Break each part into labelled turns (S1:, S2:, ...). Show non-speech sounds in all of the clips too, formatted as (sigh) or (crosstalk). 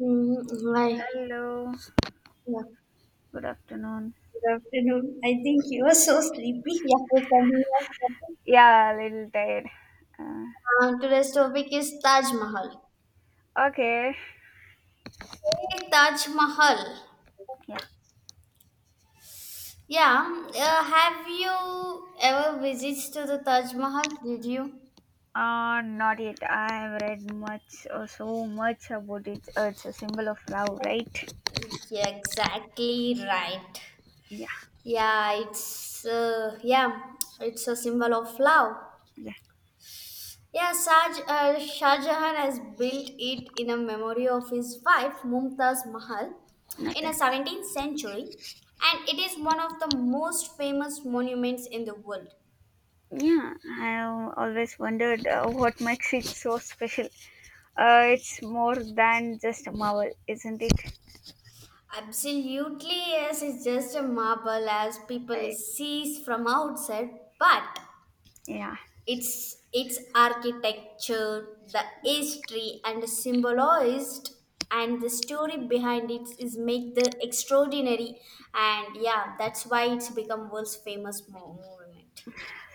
S1: Mm, hi.
S2: Hello,
S1: Yeah.
S2: good afternoon.
S1: Good afternoon. I think you are so sleepy. Yeah, we can hear you.
S2: Yeah, a little tired. Uh,
S1: Today's topic is Taj Mahal.
S2: okay,
S1: Hey, Taj Mahal.
S2: yeah.
S1: Yeah. Have you ever visits to the Taj Mahal? Did you?
S2: Not yet. I have read much or so much about it. It's a symbol of love, right?
S1: Yeah, exactly right.
S2: Yeah,
S1: Yeah, it's it's a symbol of love.
S2: yeah,
S1: Yeah, Shah Jahan has built it in a memory of his wife Mumtaz Mahal in
S2: okay.
S1: the 17th century, and it is one of the most famous monuments in the world.
S2: Yeah, I have always wondered what makes it so special. It's more than just a marvel, isn't it?
S1: Absolutely, yes, it's just a marble as people
S2: I,
S1: sees from outside, but
S2: yeah.
S1: its architecture, the history, and the symbolized, and the story behind it is make the extraordinary. And yeah, that's why it's become world's famous monument.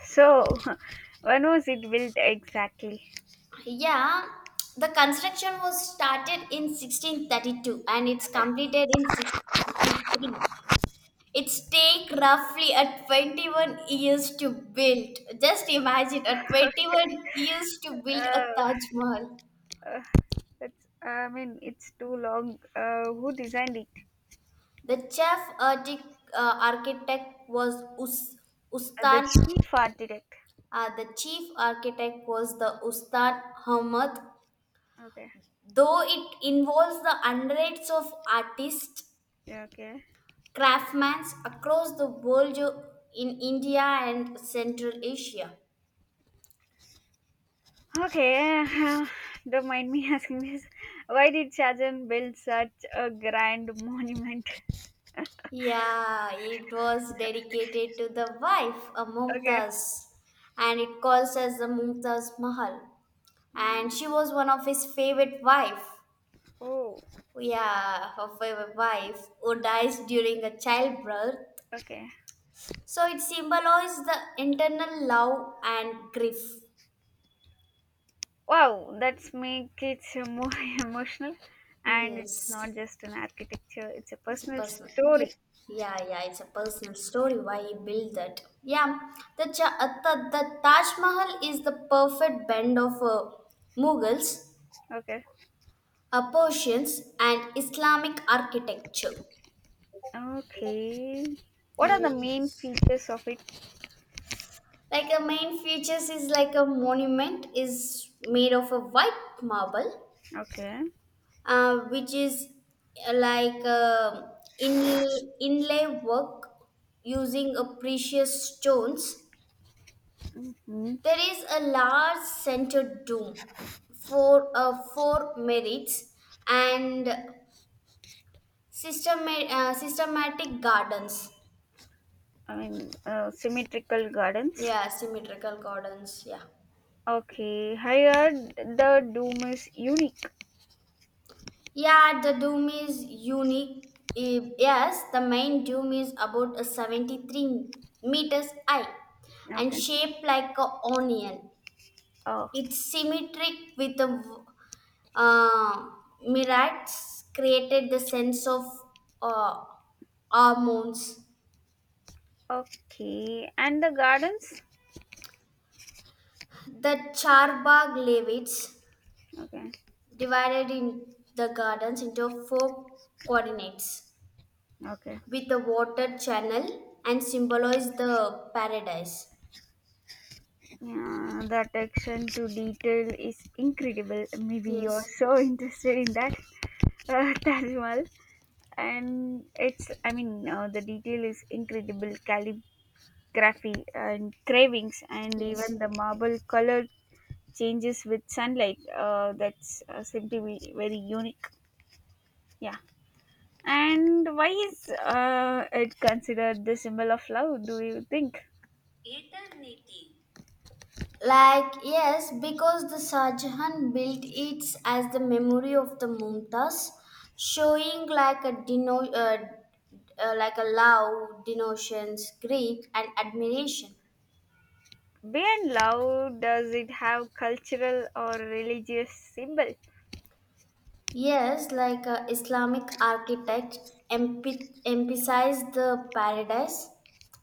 S2: So, (laughs) when was it built exactly?
S1: Yeah, the construction was started in 1632 and it's completed in 1653. It's take roughly at 21 years to build. Just imagine at 21 years to build a Taj Mahal.
S2: Uh, That's I mean, it's too long. Who designed it?
S1: The architect was
S2: The
S1: Ustan.
S2: chief architect.
S1: The chief architect was the Ustan Ahmad.
S2: Okay.
S1: Though it involves the hundreds of artists,
S2: Yeah, okay.
S1: craftsmen across the world in India and Central Asia.
S2: Okay. (laughs) Don't mind me (laughs) asking this. Why did Shahjahan build such a grand monument? (laughs)
S1: Yeah, it was dedicated to the wife, a
S2: Okay.
S1: Mumtaz, and it calls as the Mumtaz Mahal.
S2: Mm,
S1: And she was one of his favorite wife,
S2: oh,
S1: yeah, of a wife who dies during a childbirth.
S2: okay.
S1: So it symbolizes the internal love and grief.
S2: Wow, that's make it more (laughs) emotional. And it's
S1: Yes,
S2: not just an architecture, it's a
S1: it's a
S2: personal
S1: personal. Yeah,
S2: story.
S1: yeah, it's a personal story. Why he built that? Yeah, the Taj Mahal is the perfect blend of Mughals,
S2: Okay.
S1: Persians, and Islamic architecture.
S2: Okay. What are the
S1: Mm.
S2: main features of it?
S1: Like the main features is like a monument is made of a white marble
S2: Okay.
S1: which is like in, inlay work using a precious stones.
S2: Mhm.
S1: There is a large centered dome for four merits and systematic gardens.
S2: I mean, symmetrical gardens.
S1: Yeah, symmetrical gardens. Yeah.
S2: Okay, here the dome is unique.
S1: Yeah, the dome is unique. Yes, the main dome is about a 73 meters high and
S2: Okay.
S1: shaped like a onion.
S2: Oh,
S1: It's symmetric with the uh, mirage created the sense of uh, hormones.
S2: okay. And the gardens?
S1: The Charbagh Levites
S2: Okay.
S1: divided in the gardens into four coordinates
S2: Okay.
S1: with a water channel and symbolize the paradise.
S2: Yeah, the attention to detail is incredible. Maybe you're
S1: Yes,
S2: so interested in that, (laughs) Taj Mahal. And it's, I mean, the detail is incredible. Calligraphy and cravings, and
S1: yes.
S2: even the marble color changes with sunlight that's seem to be very unique, yeah. And why is it considered the symbol of love, do you think?
S1: Eternity. Like, yes, because the Shahjahan built it as the memory of the Mumtaz, showing like a like a love, denotions, greed, and admiration.
S2: Beyond love, does it have cultural or religious symbol?
S1: Yes, like a Islamic architect emphasized the paradise,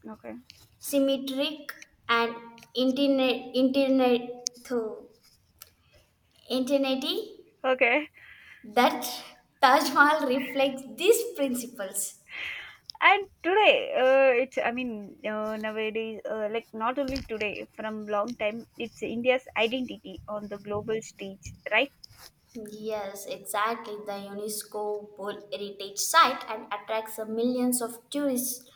S2: Okay.
S1: symmetric and internet, internet, internety
S2: Okay.
S1: that Taj Mahal reflects these principles.
S2: And today, it's, I mean, nowadays, like, not only today, from long time it's India's identity on the global stage, right?
S1: Yes, exactly. The UNESCO World Heritage Site and attracts the millions of tourists.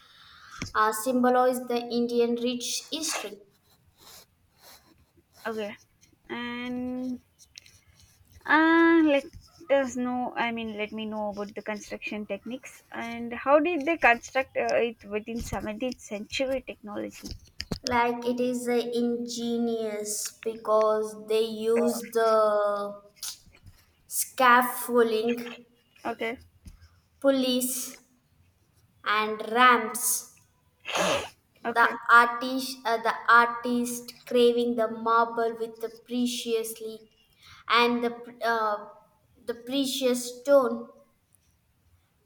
S1: Symbolize the Indian rich history.
S2: Okay. And Uh, let I mean, let me know about the construction techniques. And how did they construct it within 17th century technology?
S1: Like it is ingenious because they use the scaffolding,
S2: Okay,
S1: pulleys, and ramps. The
S2: okay,
S1: artist, uh, the artist craving the marble with the preciously and uh, the precious stone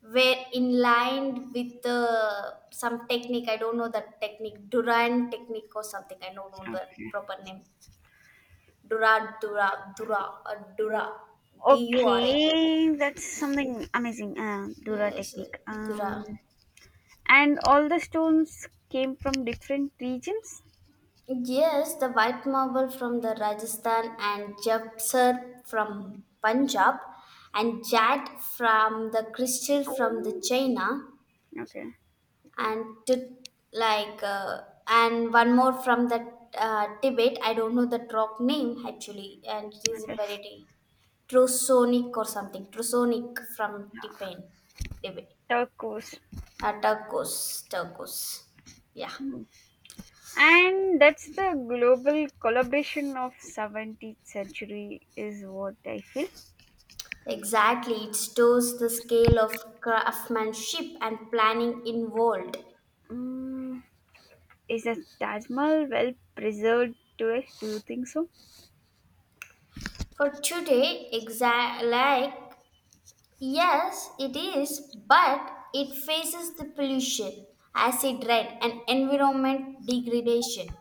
S1: were in line with some technique. I don't know the technique, duran technique or something. I don't know the
S2: okay.
S1: proper name. dura dura dura Dura, dura.
S2: Okay, that's something amazing. Dura
S1: yes uh,
S2: technique.
S1: Dura.
S2: And all the stones came from different regions.
S1: Yes, the white marble from the Rajasthan and japsar from Punjab and jat from the crystal from the China
S2: Okay,
S1: and to, like uh, and one more from the Tibet. I don't know the rock name actually, and it is
S2: okay.
S1: very Trusonic or something. Trusonic from Tibet. Tibet.
S2: Turquoise.
S1: Turquoise, turquoise. Yeah,
S2: Hmm. And that's the global collaboration of 17th century is what I feel.
S1: exactly. It shows the scale of craftsmanship and planning involved.
S2: Mm, is the Taj Mahal well preserved to us? Do you think so?
S1: For today, exact like yes, it is, but it faces the pollution, acid rain, and environment degradation.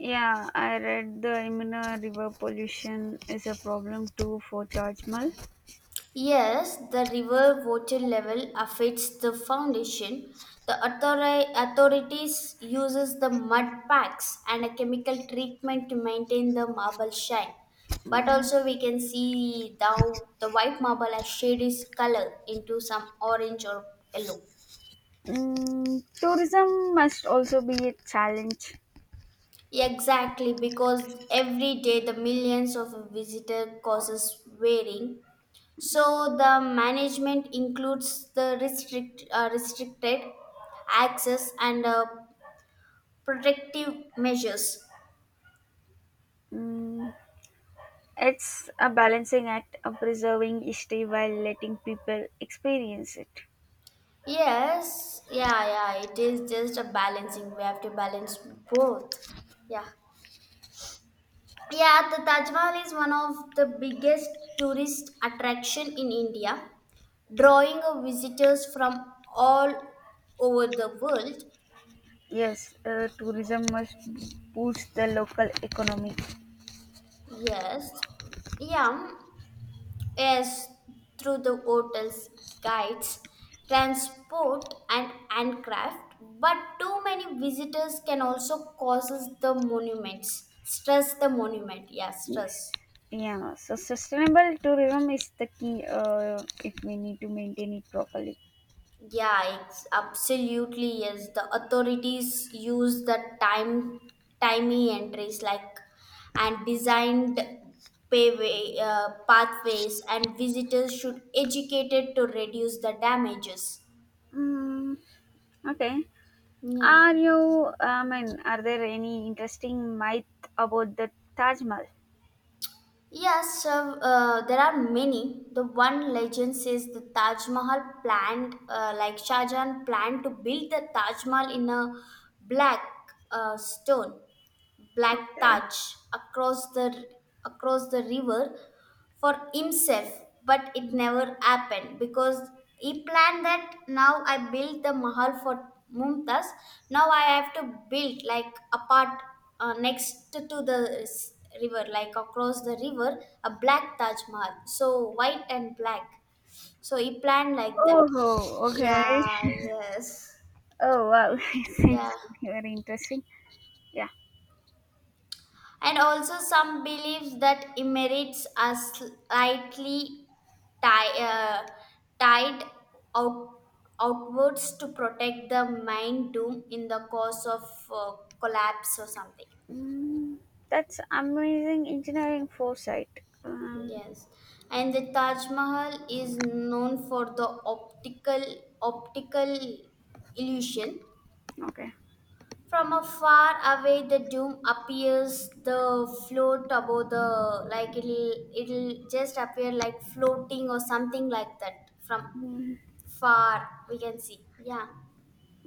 S2: Yeah, I read the Yamuna River pollution is a problem too for Taj Mahal.
S1: Yes, the river water level affects the foundation. The authorities uses the mud packs and a chemical treatment to maintain the marble shine. But
S2: Mm,
S1: also we can see the white marble has shaded its color into some orange or yellow.
S2: mm, tourism must also be a challenge.
S1: Exactly, because every day the millions of visitors causes wearing. So the management includes the restrict, restricted access and protective measures.
S2: Mm, it's a balancing act of preserving history while letting people experience it.
S1: Yes, yeah, it is just a balancing. We have to balance both. Yeah. Yeah, the Taj Mahal is one of the biggest tourist attraction in India, drawing of visitors from all over the world.
S2: Yes, tourism must boost the local economy.
S1: Yes, yeah, yes, through the hotel's guides, transport, and handcraft. But too many visitors can also causes the monuments stress. The monument, yeah,
S2: Yes.
S1: stress.
S2: Yeah. So sustainable tourism is the key, if we need to maintain it properly.
S1: Yeah, it's absolutely yes. The authorities use the time, timey entries like and designed pathways, and visitors should educated to reduce the damages.
S2: Mm, okay.
S1: Yeah.
S2: I mean, are there any interesting myth about the Taj Mahal?
S1: Yes, there are many. The one legend says the Taj Mahal planned, like Shah Jahan planned to build the Taj Mahal in a black stone, black
S2: Okay.
S1: Taj across the across the river for himself, but it never happened because he planned that now I built the mahal for Mumtaz. Now I have to build like apart next to the river, like across the river, a black Taj Mahal, so white and black. So he planned like that.
S2: Oh, okay.
S1: Yeah. Yes.
S2: Oh, wow. (laughs) It seems
S1: Yeah.
S2: to be very interesting. Yeah.
S1: And also, some beliefs that merits are slightly ti- uh, tied out- outwards to protect the mind doom in the cause of collapse or something.
S2: Mm, that's amazing engineering foresight. Um,
S1: Yes, and the Taj Mahal is known for the optical illusion.
S2: okay.
S1: From afar away, the doom appears the float above the, like it'll just appear like floating or something like that. From
S2: Mm,
S1: far, we can see. Yeah,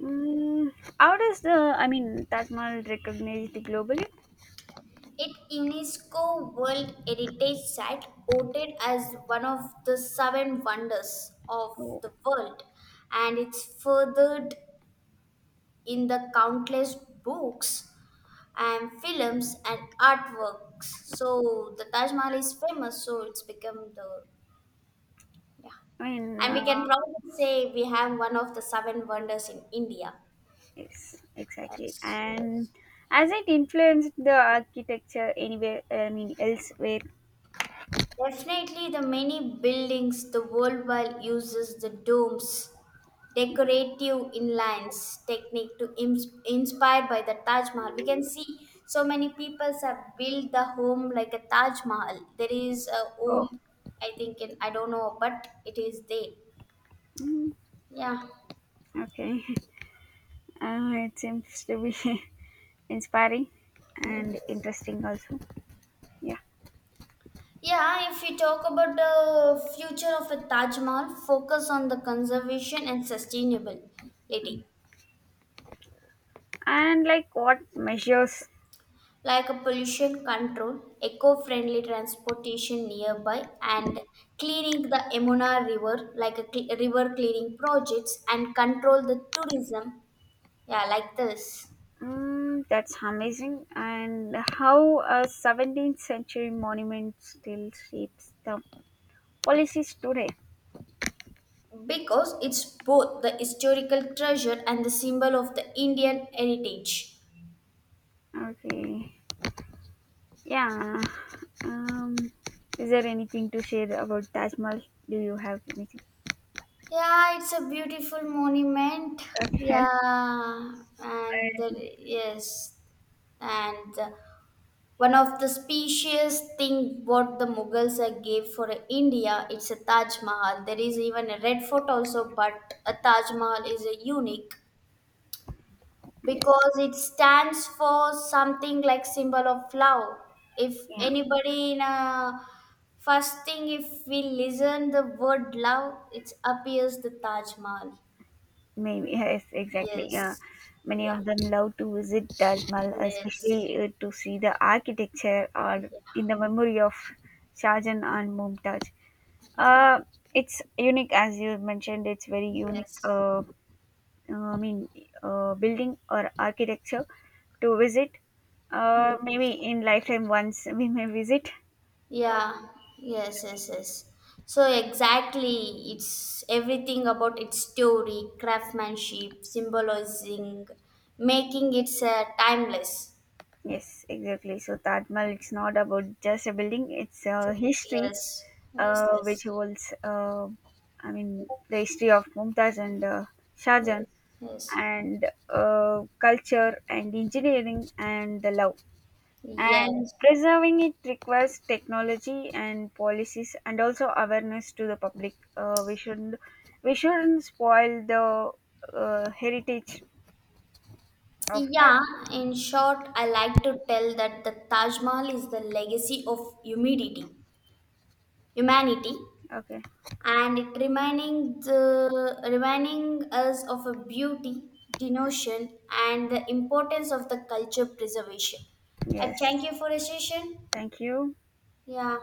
S2: mm, how does the, I mean, Taj Mahal recognized globally?
S1: it UNESCO World Heritage Site, voted as one of the seven wonders of
S2: Oh,
S1: the world, and it's furthered in the countless books and films and artworks. So the Taj Mahal is famous, so it's become the, yeah.
S2: and
S1: And we can proudly say we have one of the seven wonders in India.
S2: yes,
S1: Uh,
S2: exactly.
S1: so-
S2: And has it influenced the architecture anywhere? I mean, elsewhere?
S1: Definitely, the many buildings the worldwide uses the domes, decorative inlines technique to inspired by the Taj Mahal. We can see so many people have built the home like a Taj Mahal. There is a
S2: Oh,
S1: home, I think in I don't know, but it is there.
S2: mm,
S1: Yeah.
S2: okay. (laughs) It seems to be (laughs) inspiring and interesting also. Yeah.
S1: Yeah, if you talk about the future of a Taj Mahal, focus on the conservation and sustainability.
S2: And like what measures?
S1: Like a pollution control, eco-friendly transportation nearby, and cleaning the Emuna River, like a river cleaning projects, and control the tourism, yeah, like this.
S2: Mm, that's amazing. And how a 17th century monument still shapes the policies today.
S1: Because it's both the historical treasure and the symbol of the Indian heritage.
S2: Okay. Yeah. Um, is there anything to share about Taj Mahal? Do you have anything?
S1: Yeah, it's a beautiful monument.
S2: Okay.
S1: Yeah, and there, yes, and. One of the specious thing what the Mughals gave for India, it's a Taj Mahal. There is even a red fort also, but a Taj Mahal is a unique
S2: Yes.
S1: because it stands for something like symbol of love. If
S2: Yeah.
S1: anybody in a first thing, if we listen the word love, it appears the Taj Mahal.
S2: Maybe. Yes. Exactly. Yeah.
S1: Yes.
S2: Many
S1: Yeah.
S2: of them love to visit Taj Mahal,
S1: Yes.
S2: especially to see the architecture or in
S1: Yeah.
S2: the memory of Shahjahan and Mumtaz.
S1: Yeah.
S2: Uh, it's unique, as you mentioned. It's very unique.
S1: Yes.
S2: I mean, building or architecture to visit. Maybe
S1: Yes.
S2: in lifetime once (laughs) we may visit.
S1: Yeah, yes. So exactly, it's everything about its story, craftsmanship, symbolizing, making it timeless.
S2: Yes, exactly. So Taj Mahal, it's not about just a building; it's a
S1: So,
S2: history
S1: yes, yes,
S2: which
S1: yes,
S2: holds. I mean the history of Mumtaz and Shahjahan,
S1: yes, yes,
S2: and culture and engineering and the love. And
S1: yes.
S2: preserving it requires technology and policies and also awareness to the public. We shouldn't spoil the heritage of that.
S1: Yeah, in short, I like to tell that the Taj Mahal is the legacy of humidity, humanity,
S2: Okay.
S1: and it reminding the reminding us of a beauty denotion and the importance of the culture preservation. I
S2: Yes,
S1: thank you for a session.
S2: thank you.
S1: Yeah.